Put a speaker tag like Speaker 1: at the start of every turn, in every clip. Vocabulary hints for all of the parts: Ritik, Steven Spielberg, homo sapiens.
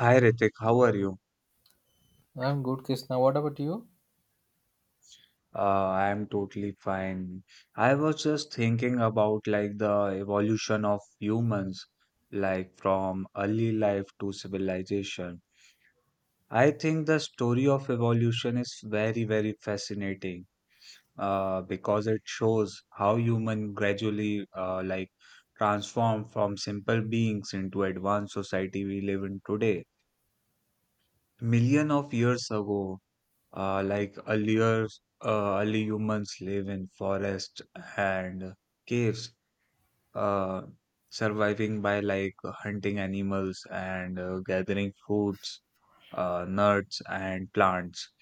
Speaker 1: Hi Ritik, how are you?
Speaker 2: I'm good, Krishna. What about you?
Speaker 1: Uh, I am totally fine. I was just thinking about like the evolution of humans, like from early life to civilization. I think the story of evolution is very, very fascinating, because it shows how human gradually like transform from simple beings into advanced society we live in today. Million of years ago, like earlier, early humans live in forests and caves, uh, surviving by like hunting animals and gathering foods, nuts and plants.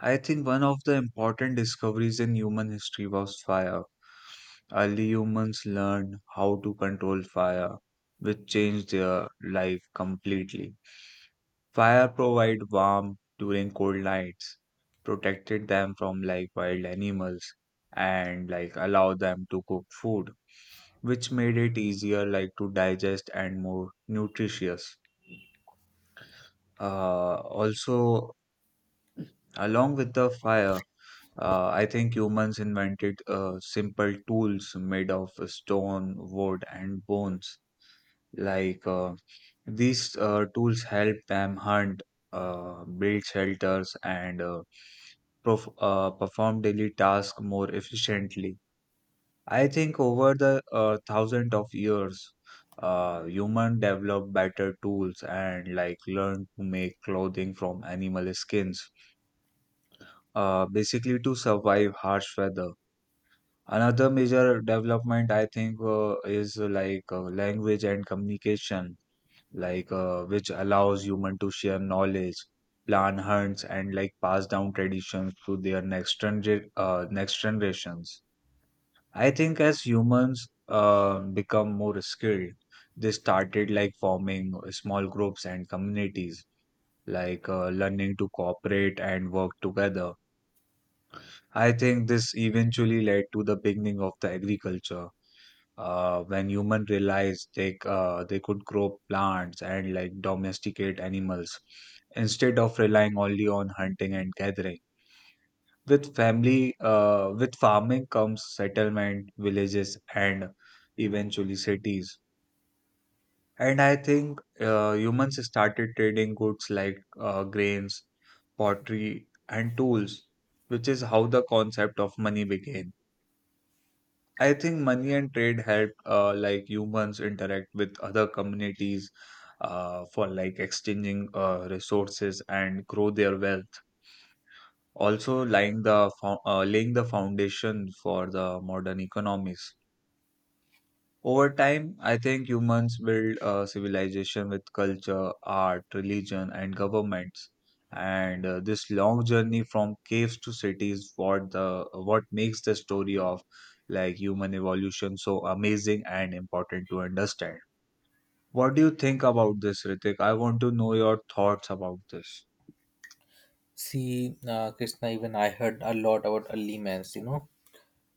Speaker 1: I think one of the important discoveries in human history was fire. Early humans learned how to control fire, which changed their life completely. Fire provide warmth during cold nights, protected them from like wild animals and like allow them to cook food, which made it easier like to digest and more nutritious. Also, along with the fire, I think humans invented simple tools made of stone, wood, and bones, like, these tools help them hunt, build shelters, and perform daily tasks more efficiently. I think over the thousand of years, human developed better tools and like learned to make clothing from animal skins, basically to survive harsh weather. Another major development, I think, is language and communication, like, which allows human to share knowledge, plan hunts, and like pass down traditions to their next generations. I think as humans become more skilled, they started like forming small groups and communities, like, learning to cooperate and work together. I think this eventually led to the beginning of the agriculture, when human realized they could grow plants and like domesticate animals instead of relying only on hunting and gathering. With farming comes settlement villages and eventually cities. And I think humans started trading goods, like, grains, pottery, and tools, which is how the concept of money began. I think money and trade help like humans interact with other communities, for like exchanging resources and grow their wealth. Also, laying the foundation for the modern economies. Over time, I think humans build a civilization with culture, art, religion, and governments. And this long journey from caves to cities, what makes the story of like human evolution so amazing and important to understand. What do you think about this, Ritik? I want to know your thoughts about this.
Speaker 2: See, Krishna, even I heard a lot about early mans.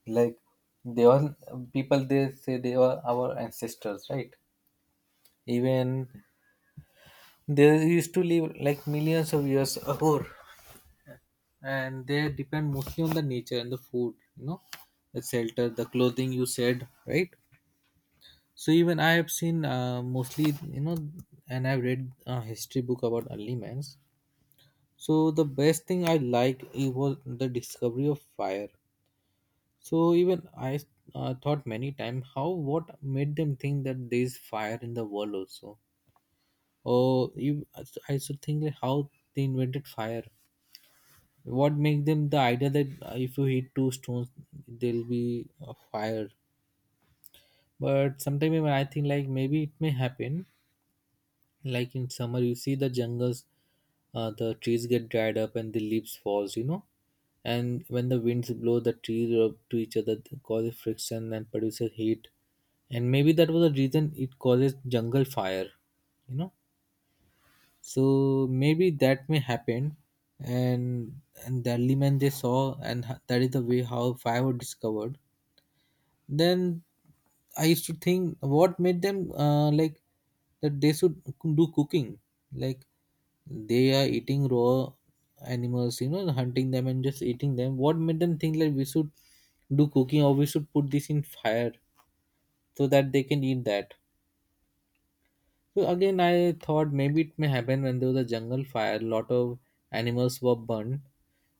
Speaker 2: Like they were people they say they were our ancestors, right? Even they used to live like millions of years ago. And they depend mostly on the nature and the food, the shelter, the clothing you said, right? So even I have seen mostly, and I've read a history book about early mans. So the best thing I like it was the discovery of fire. So even I thought many times how what made them think that there is fire in the world also. Or you, I should think like how they invented fire. What make them the idea that if you hit two stones, there'll be a fire. But sometimes even I think like maybe it may happen, like in summer you see the jungles the trees get dried up and the leaves falls, and when the winds blow the trees rub to each other causes friction and produces heat, and maybe that was the reason it causes jungle fire you know so maybe that may happen. And and the early man they saw and that is the way how fire was discovered. Then I used to think what made them like that they should do cooking, like they are eating raw animals, you know, and hunting them and just eating them. What made them think like we should do cooking or we should put this in fire so that they can eat that? So again, I thought maybe it may happen when there was a jungle fire. A lot of animals were burned,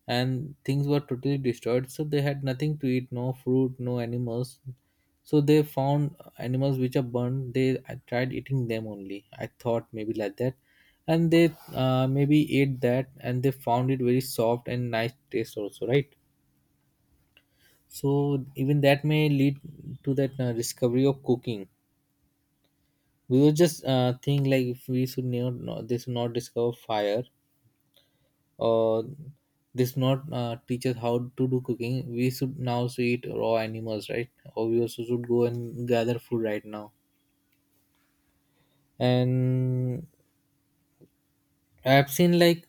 Speaker 2: and things were totally destroyed. So they had nothing to eat, no fruit, no animals. So they found animals which are burned. They tried eating them only. I thought maybe like that, and they maybe ate that, and they found it very soft and nice taste also, right? So even that may lead to that discovery of cooking. We would just think, like, if we should not, not this not discover fire, or this not teach us how to do cooking, we should now so eat raw animals, right? Or we also should go and gather food right now. And I've seen, like,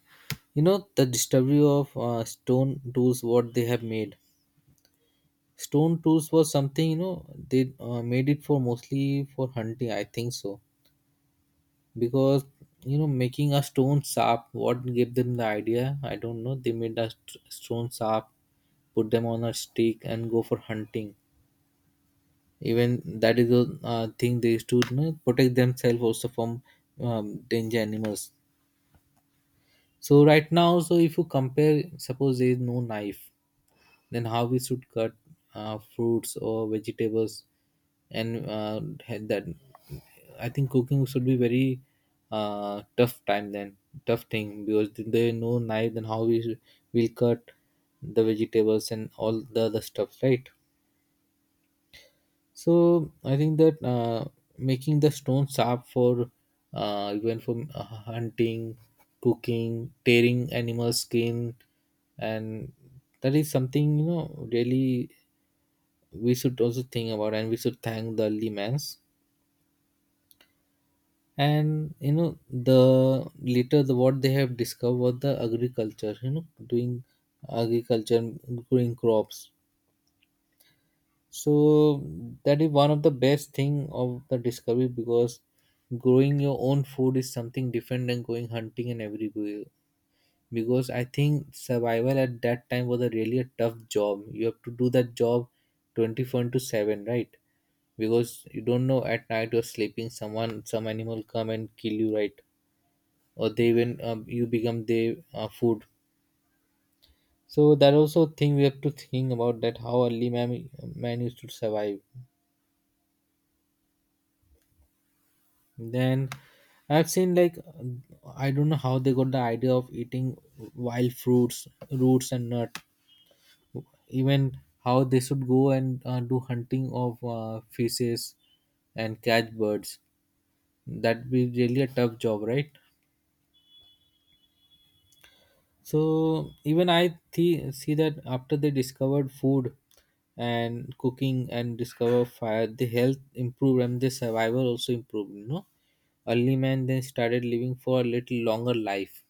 Speaker 2: you know the discovery of stone tools what they have made. Stone tools was something, you know, they made it for mostly for hunting, I think so, because, you know, making a stone sharp, what gave them the idea? I don't know. They made a stone sharp, put them on a stick and go for hunting. Even that is a thing they used to, you know, protect themselves also from danger animals. So right now, so if you compare, suppose there is no knife, then how we should cut fruits or vegetables, and had that, I think cooking should be very tough time, then tough thing, because there is no knife, then how we will cut the vegetables and all the other stuff, right? So I think that making the stone sharp for even for hunting, cooking, tearing animal skin, and that is something, you know, really we should also think about, and we should thank the early mans. And, you know, the later the what they have discovered was the agriculture, you know, doing agriculture and growing crops. So that is one of the best thing of the discovery, because growing your own food is something different than going hunting and everywhere. Because I think survival at that time was a really a tough job. You have to do that job 24/7, right? Because you don't know, at night you're sleeping, someone, some animal come and kill you, right? Or they even you become their food. So that also thing we have to think about, that how early man used to survive. Then I've seen, like, I don't know how they got the idea of eating wild fruits, roots and nut. Even how they should go and do hunting of fishes and catch birds, that be really a tough job, right? So even I see that after they discovered food and cooking and discover fire, the health improved and the survival also improved, you know. Early man then started living for a little longer life.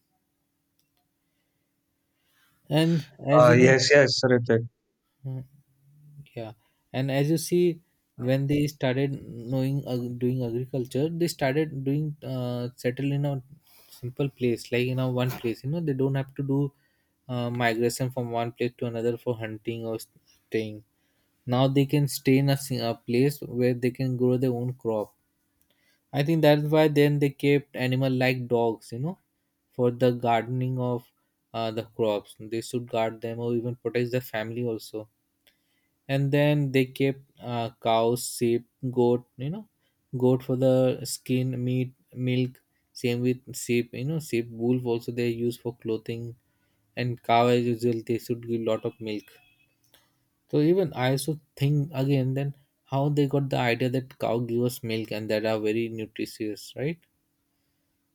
Speaker 2: And as you know,
Speaker 1: Yes, yes, Ritik.
Speaker 2: yeah, and as you see, when they started knowing doing agriculture, they started doing settle in a simple place, like in a one place, you know, they don't have to do migration from one place to another for hunting or staying. Now they can stay in a place where they can grow their own crop. I think that's why then they kept animal like dogs, you know, for the gardening of the crops, they should guard them or even protect the family also. And then they kept cows, sheep, goat, you know, goat for the skin, meat, milk, same with sheep, you know, sheep wolf also they use for clothing, and cow as usual they should give lot of milk. So even I also think again, then how they got the idea that cow give us milk and that are very nutritious, right?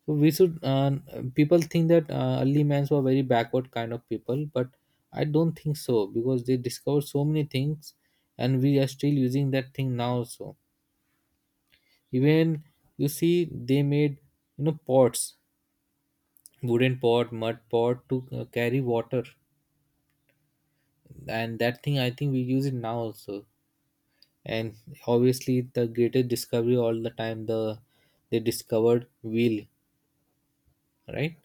Speaker 2: So we should. People think that early mans were very backward kind of people, but I don't think so because they discovered so many things, and we are still using that thing now. Also, even you see, they made, you know, pots, wooden pot, mud pot to carry water, and that thing I think we use it now also. And obviously, the greatest discovery all the time, they discovered wheel, right?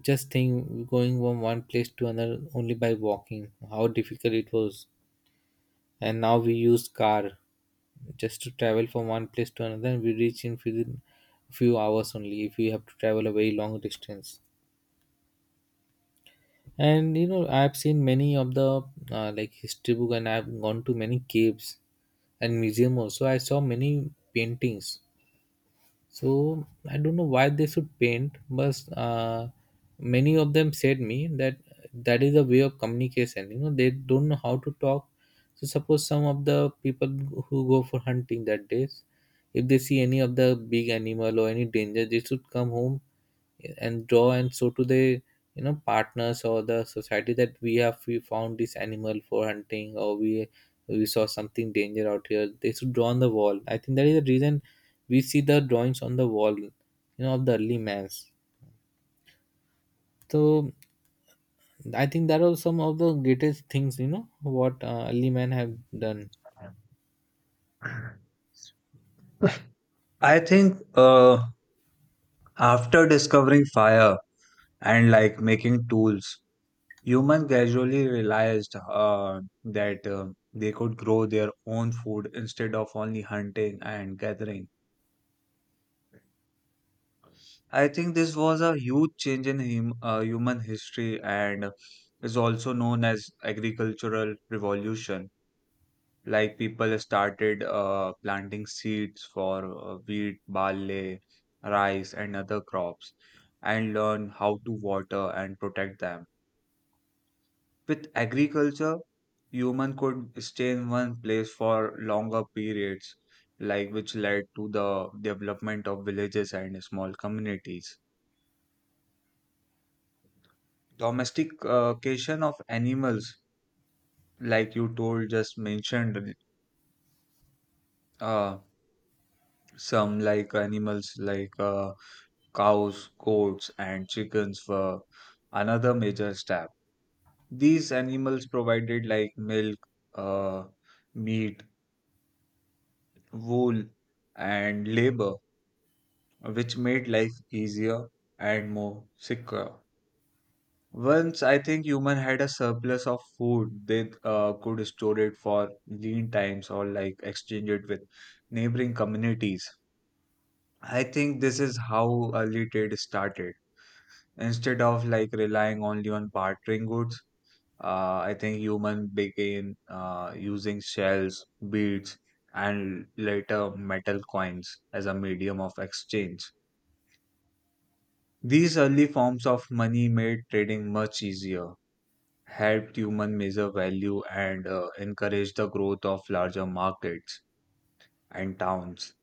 Speaker 2: Just think going from one place to another only by walking, how difficult it was. And now we use car just to travel from one place to another, and we reach in within few hours only if we have to travel a very long distance. And, you know, I've seen many of the like history book, and I've gone to many caves and museum. Also I saw many paintings. So I don't know why they should paint, but many of them said me that that is a way of communication, you know, they don't know how to talk. So suppose some of the people who go for hunting that days, if they see any of the big animal or any danger, they should come home and draw and show to the, you know, partners or the society that we found this animal for hunting, or we saw something danger out here, they should draw on the wall. I think that is the reason we see the drawings on the wall of the early man's. So I think that are some of the greatest things, you know what early man have done.
Speaker 1: I think after discovering fire and like making tools, humans gradually realized that they could grow their own food instead of only hunting and gathering. I think this was a huge change in human history and is also known as agricultural revolution. Like people started planting seeds for wheat, barley, rice, and other crops, and learn how to water and protect them. With agriculture, human could stay in one place for longer periods, like which led to the development of villages and small communities. Domestication of animals, like you told, just mentioned, uh, some like animals like, cows, goats, and chickens were another major step. These animals provided like milk, uh, meat, wool, and labor, which made life easier and more secure. Once I think human had a surplus of food, they could store it for lean times or like exchange it with neighboring communities. I think this is how early trade started. Instead of like relying only on bartering goods, I think human began using shells, beads, and later metal coins as a medium of exchange. These early forms of money made trading much easier, helped human measure value, and encouraged the growth of larger markets and towns.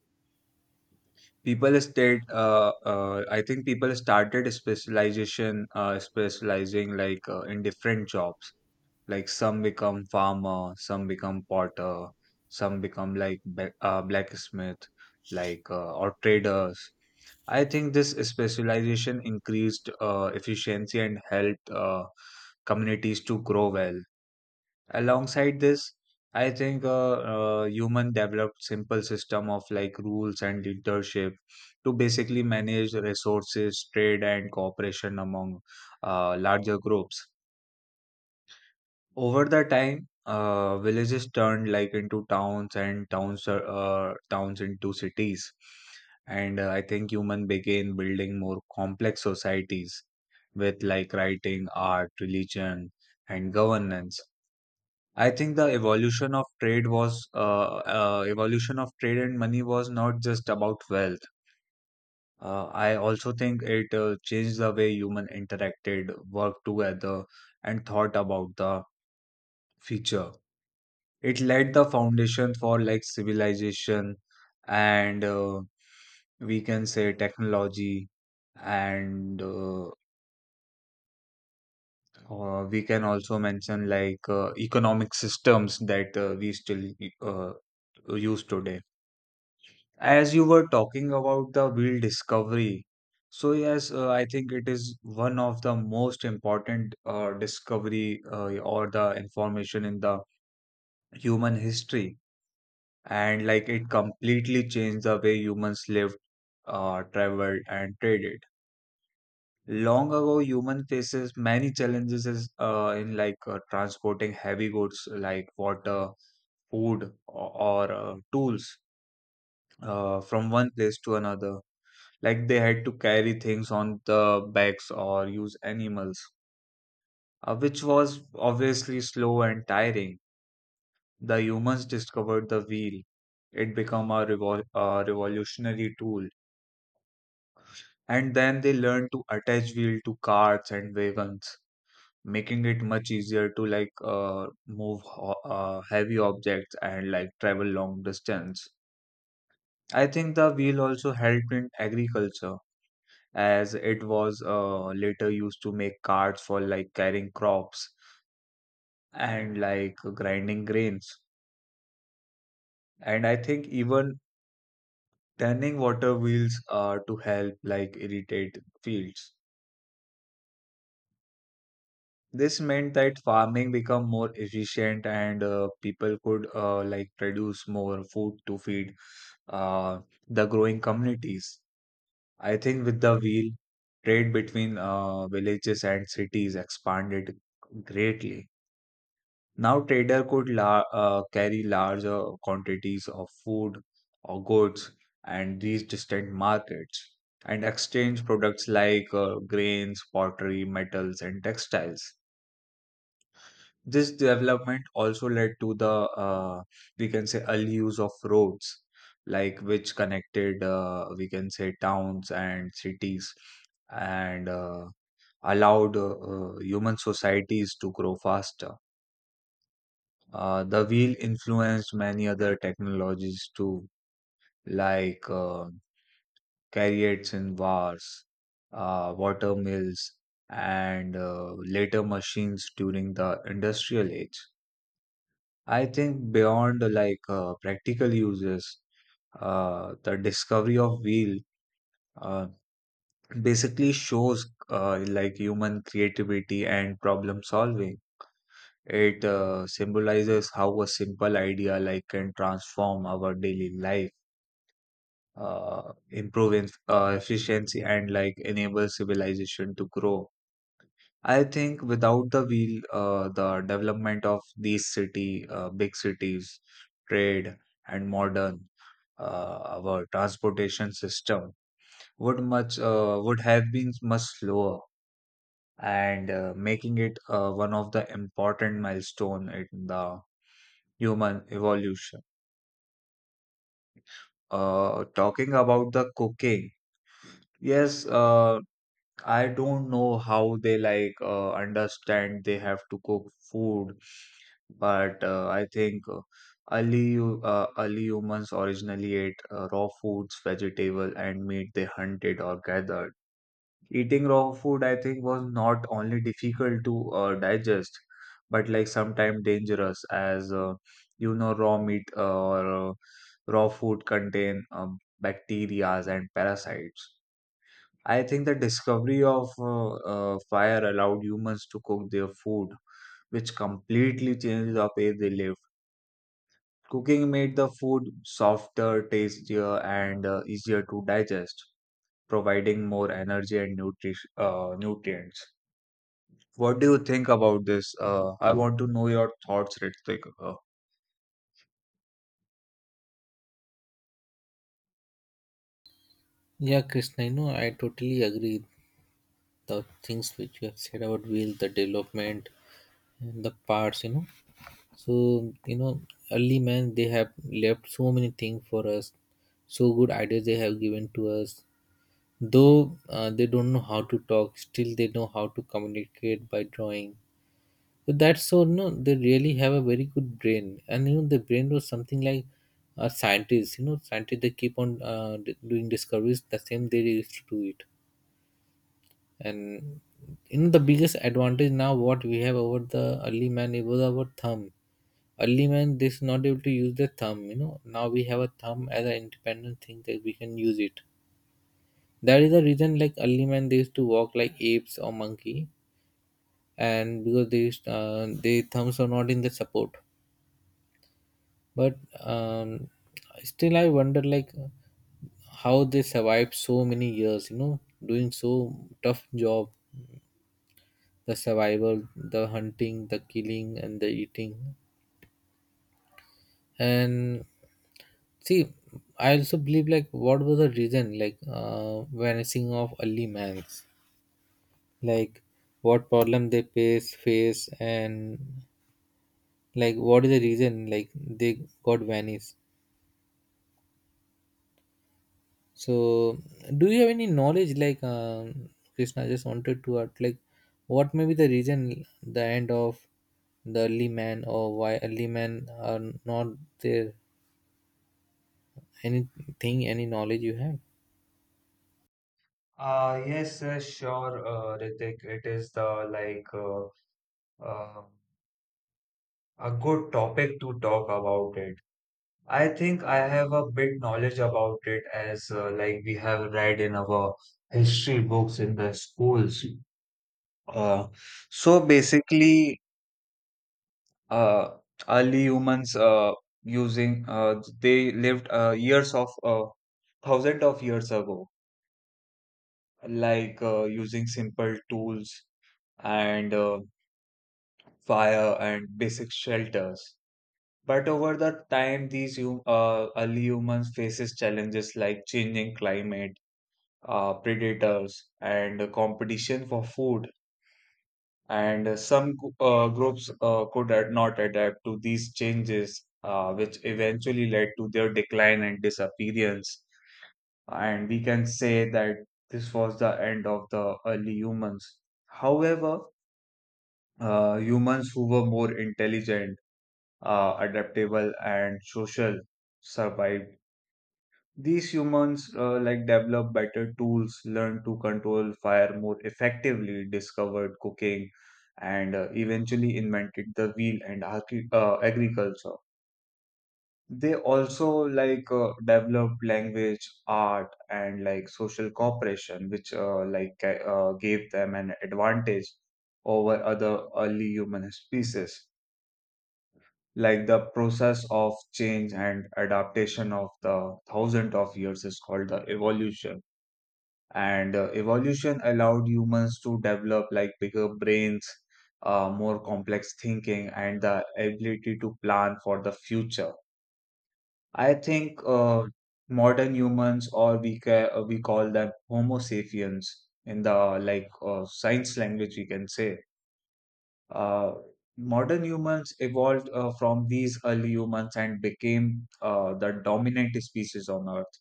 Speaker 1: I think people started specializing like, in different jobs like some become farmer, some become potter, some become like blacksmith, like, or traders. I think this specialization increased efficiency and helped communities to grow well. Alongside this, I think human developed simple system of like rules and leadership to basically manage resources, trade, and cooperation among larger groups. Over the time, villages turned like into towns, and towns into cities. And I think human began building more complex societies with like writing, art, religion, and governance. I think the evolution of trade and money was not just about wealth. I also think it changed the way human interacted, worked together, and thought about the future. It laid the foundation for like civilization, and we can say technology, and we can also mention like, economic systems that we still uh, use today. As you were talking about the wheel discovery, so yes, I think it is one of the most important discovery or the information in the human history, and like it completely changed the way humans lived, traveled, and traded. Long ago, human faces many challenges is, in like, transporting heavy goods like water, food, or tools from one place to another. Like they had to carry things on the backs or use animals, which was obviously slow and tiring. The humans discovered the wheel. It became a revolutionary tool. And then they learn to attach wheel to carts and wagons, making it much easier to like move heavy objects and like travel long distance. I think the wheel also helped in agriculture as it was later used to make carts for like carrying crops and like grinding grains. And I think even turning water wheels to help like irrigate fields. This meant that farming become more efficient and people could like produce more food to feed uh, the growing communities. I think with the wheel, trade between villages and cities expanded greatly. Now trader could la carry larger quantities of food or goods and reach distant markets and exchange products like, grains, pottery, metals, and textiles. This development also led to the we can say early use of roads, like which connected, we can say, towns and cities, and allowed human societies to grow faster. The wheel influenced many other technologies too, like, chariots and wars, water mills, and later machines during the industrial age. I think beyond like practical uses, the discovery of wheel uh, basically shows like human creativity and problem solving. It symbolizes how a simple idea like can transform our daily life, improve in, efficiency, and like enable civilization to grow. I think without the wheel, the development of big cities, trade, and modern our transportation system would have been much slower, and making it one of the important milestone in the human evolution. Talking about the cooking, yes, I don't know how they like understand they have to cook food, but I think early humans originally ate raw foods, vegetable, and meat they hunted or gathered. Eating raw food, I think, was not only difficult to digest, but like sometimes dangerous, as you know, raw meat or raw food contain bacteria and parasites. I think the discovery of fire allowed humans to cook their food, which completely changed the way they lived. Cooking made the food softer, tastier, and easier to digest, providing more energy and nutrients. What do you think about this? I want to know your thoughts, Ritik. Uh,
Speaker 2: Yeah, Krishna, I totally agree the things which you have said about wheel, the development and the parts. So early man they have left so many things for us, so good ideas they have given to us. Though they don't know how to talk, still they know how to communicate by drawing. So that's so no, they really have a very good brain. And the brain was something like a scientist. Scientists they keep on doing discoveries the same they used to do it. And the biggest advantage now what we have over the early man, it was our thumb. Early man they is not able to use the thumb. Now we have a thumb as an independent thing that we can use it. That is the reason, like early man, they used to walk like apes or monkey, and because they used, their thumbs are not in the support. But still, I wonder, like, how they survived so many years. Doing so tough job, the survival, the hunting, the killing, and the eating. And see, I also believe, like, what was the reason like vanishing of early man's, like what problem they face and like what is the reason like they got vanished. So do you have any knowledge like, Krishna, I just wanted to ask, like, what may be the reason, the end of the early man, or why early men are not there, anything, any knowledge you have?
Speaker 1: Yes, yes, sure, Ritik. It is the like uh, a good topic to talk about it. I think I have a bit knowledge about it as like we have read in our history books in the schools. Uh, so basically, uh, early humans using they lived years of thousands of years ago, like using simple tools and fire and basic shelters. But over the time, these hum early humans faces challenges like changing climate, predators, and competition for food. And some groups could not adapt to these changes, which eventually led to their decline and disappearance. And we can say that this was the end of the early humans. However, humans who were more intelligent, adaptable, and social survived. These humans like develop better tools, learn to control fire more effectively, discovered cooking, and eventually invented the wheel and agriculture. They also like developed language, art, and like social cooperation, which like gave them an advantage over other early human species. Like the process of change and adaptation of the thousand of years is called the evolution, and evolution allowed humans to develop like bigger brains, more complex thinking, and the ability to plan for the future. I think modern humans, or we call them Homo sapiens in the like science language, we can say, uh, modern humans evolved from these early humans and became the dominant species on Earth.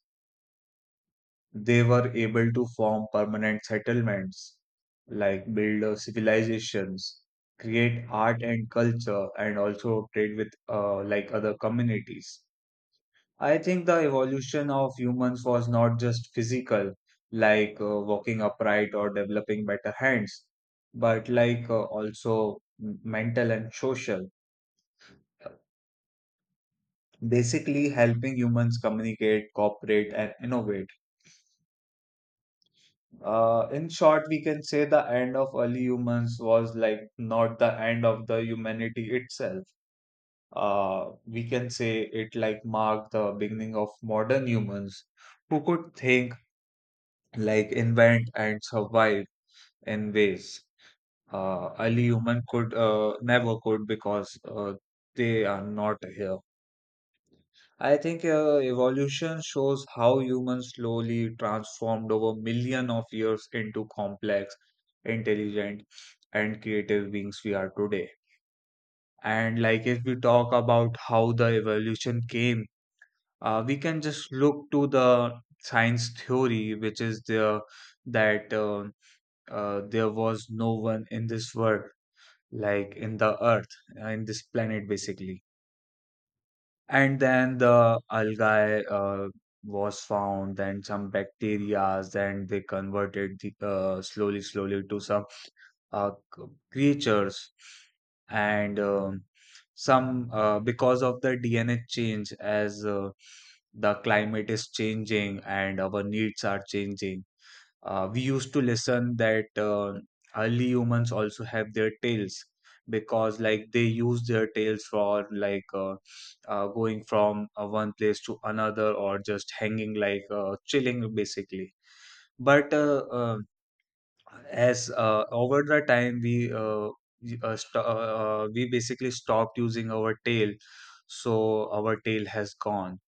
Speaker 1: They were able to form permanent settlements, like build civilizations, create art and culture, and also trade with like other communities. I think the evolution of humans was not just physical, like walking upright or developing better hands, but like also mental and social, basically helping humans communicate, cooperate, and innovate. In short, we can say the end of early humans was like not the end of the humanity itself. We can say it like marked the beginning of modern humans who could think, like invent and survive in ways early human could never could, because they are not here. I think evolution shows how humans slowly transformed over million of years into complex, intelligent, and creative beings we are today. And like if we talk about how the evolution came, we can just look to the science theory, which is there, that there was no one in this world, like in the earth, in this planet basically. And then the algae was found, then some bacteria, then they converted slowly, slowly to some uh, c- creatures. And because of the DNA change, as the climate is changing and our needs are changing, we used to listen that early humans also have their tails, because like they use their tails for like going from one place to another, or just hanging like chilling basically. But as over the time, y- uh, st- uh, we basically stopped using our tail, so our tail has gone.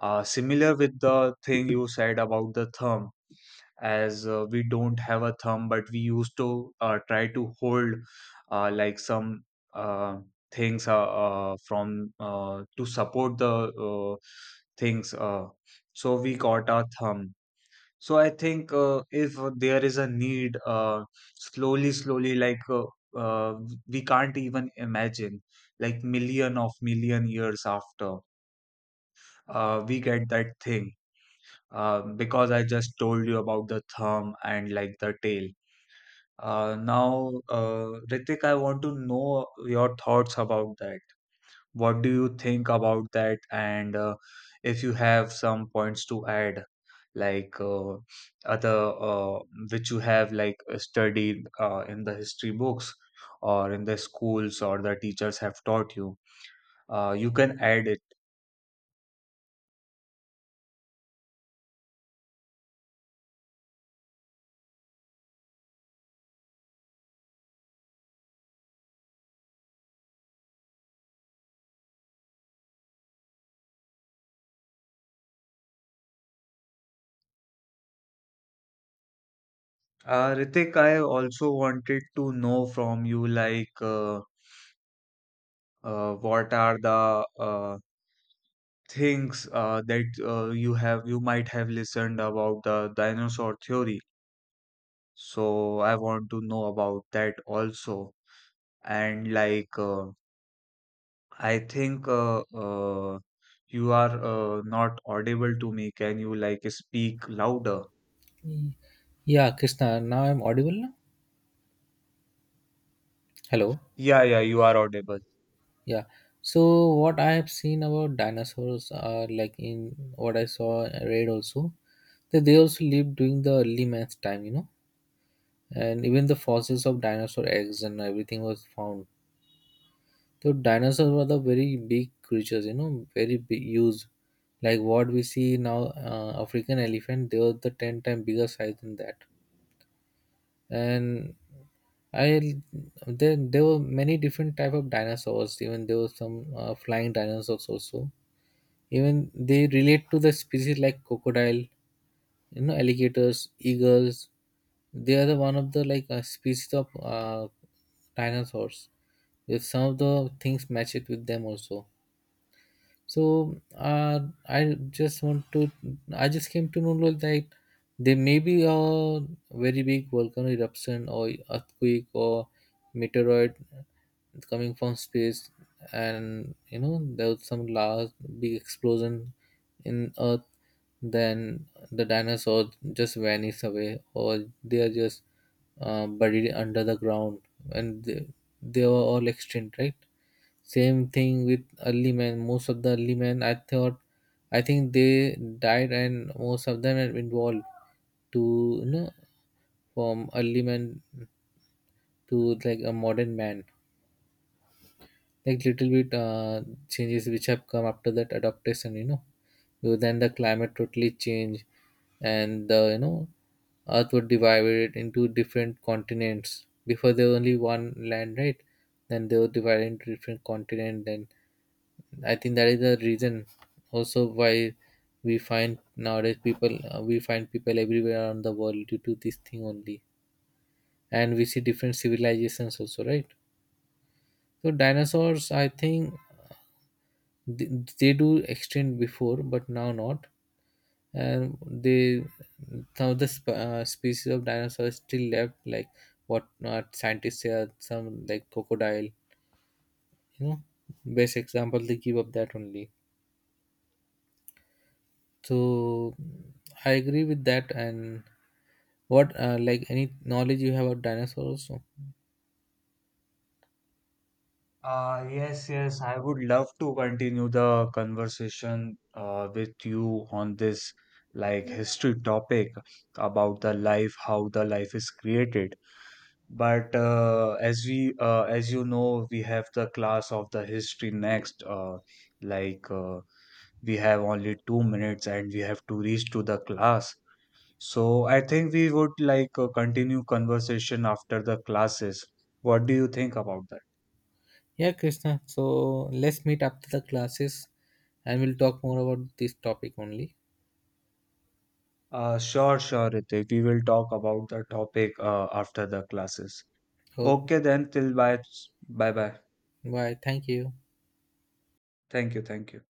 Speaker 1: Similar with the thing you said about the thumb, as we don't have a thumb, but we used to try to hold like some uh, things from to support the uh, things, so we got our thumb. So I think if there is a need, slowly slowly like uh, we can't even imagine, like million of million years after, we get that thing, because I just told you about the thumb and like the tail. Now, Ritik, I want to know your thoughts about that. What do you think about that? And if you have some points to add, like other which you have like studied in the history books or in the schools or the teachers have taught you, you can add it. Ritik, I also wanted to know from you like what are the things that you might have listened about the dinosaur theory, so I want to know about that also. And like I think uh, you are not audible to me. Can you like speak louder?
Speaker 2: Yeah, Krishna, now I'm audible now. Hello.
Speaker 1: Yeah, yeah, you are audible.
Speaker 2: Yeah. So what I have seen about dinosaurs are, like, in what I saw, I read also, that they also lived during the early math time, and even the fossils of dinosaur eggs and everything was found. So dinosaurs were the very big creatures, very big, huge. Like what we see now, African elephant, they were the 10 times bigger size than that. And I then there were many different type of dinosaurs. Even there were some flying dinosaurs also. Even they relate to the species like crocodile, alligators, eagles. They are the one of the like species of dinosaurs, with some of the things match it with them also. So I just want to, I just came to know, like, that there may be a very big volcano eruption or earthquake or meteoroid, it's coming from space, and there was some large big explosion in earth. Then the dinosaurs just vanish away, or they are just buried under the ground, and they were all extinct, right? Same thing with early men. Most of the early men I think they died, and most of them have evolved to, you know, from early man to like a modern man, like little bit changes which have come after that adaptation, you know. Because then the climate totally changed, and the, earth was divided into different continents, before there was only one land, right? Then they were divided into different continent. Then I think that is the reason also why we find nowadays people, we find people everywhere around the world due to this thing only, and we see different civilizations also, right? So dinosaurs, I think they, they do extend before, but now not. And they, some of the species of dinosaurs still left, like what not scientists say, are some like crocodile, you know best example they give up that only. So I agree with that. And what like any knowledge you have about dinosaurs also?
Speaker 1: Yes, yes, I would love to continue the conversation with you on this like history topic about the life, how the life is created. But as you know, we have the class of the history next. Like uh, we have only 2 minutes, and we have to reach to the class. So I think we would like continue conversation after the classes. What do you think about that?
Speaker 2: Yeah, Krishna, so let's meet after the classes, and we'll talk more about this topic only.
Speaker 1: Sure, sure, Ritik. We will talk about the topic after the classes.
Speaker 2: Okay,
Speaker 1: Okay, then. Till bye. Bye bye.
Speaker 2: bye, thank you.
Speaker 1: Thank you. Thank you.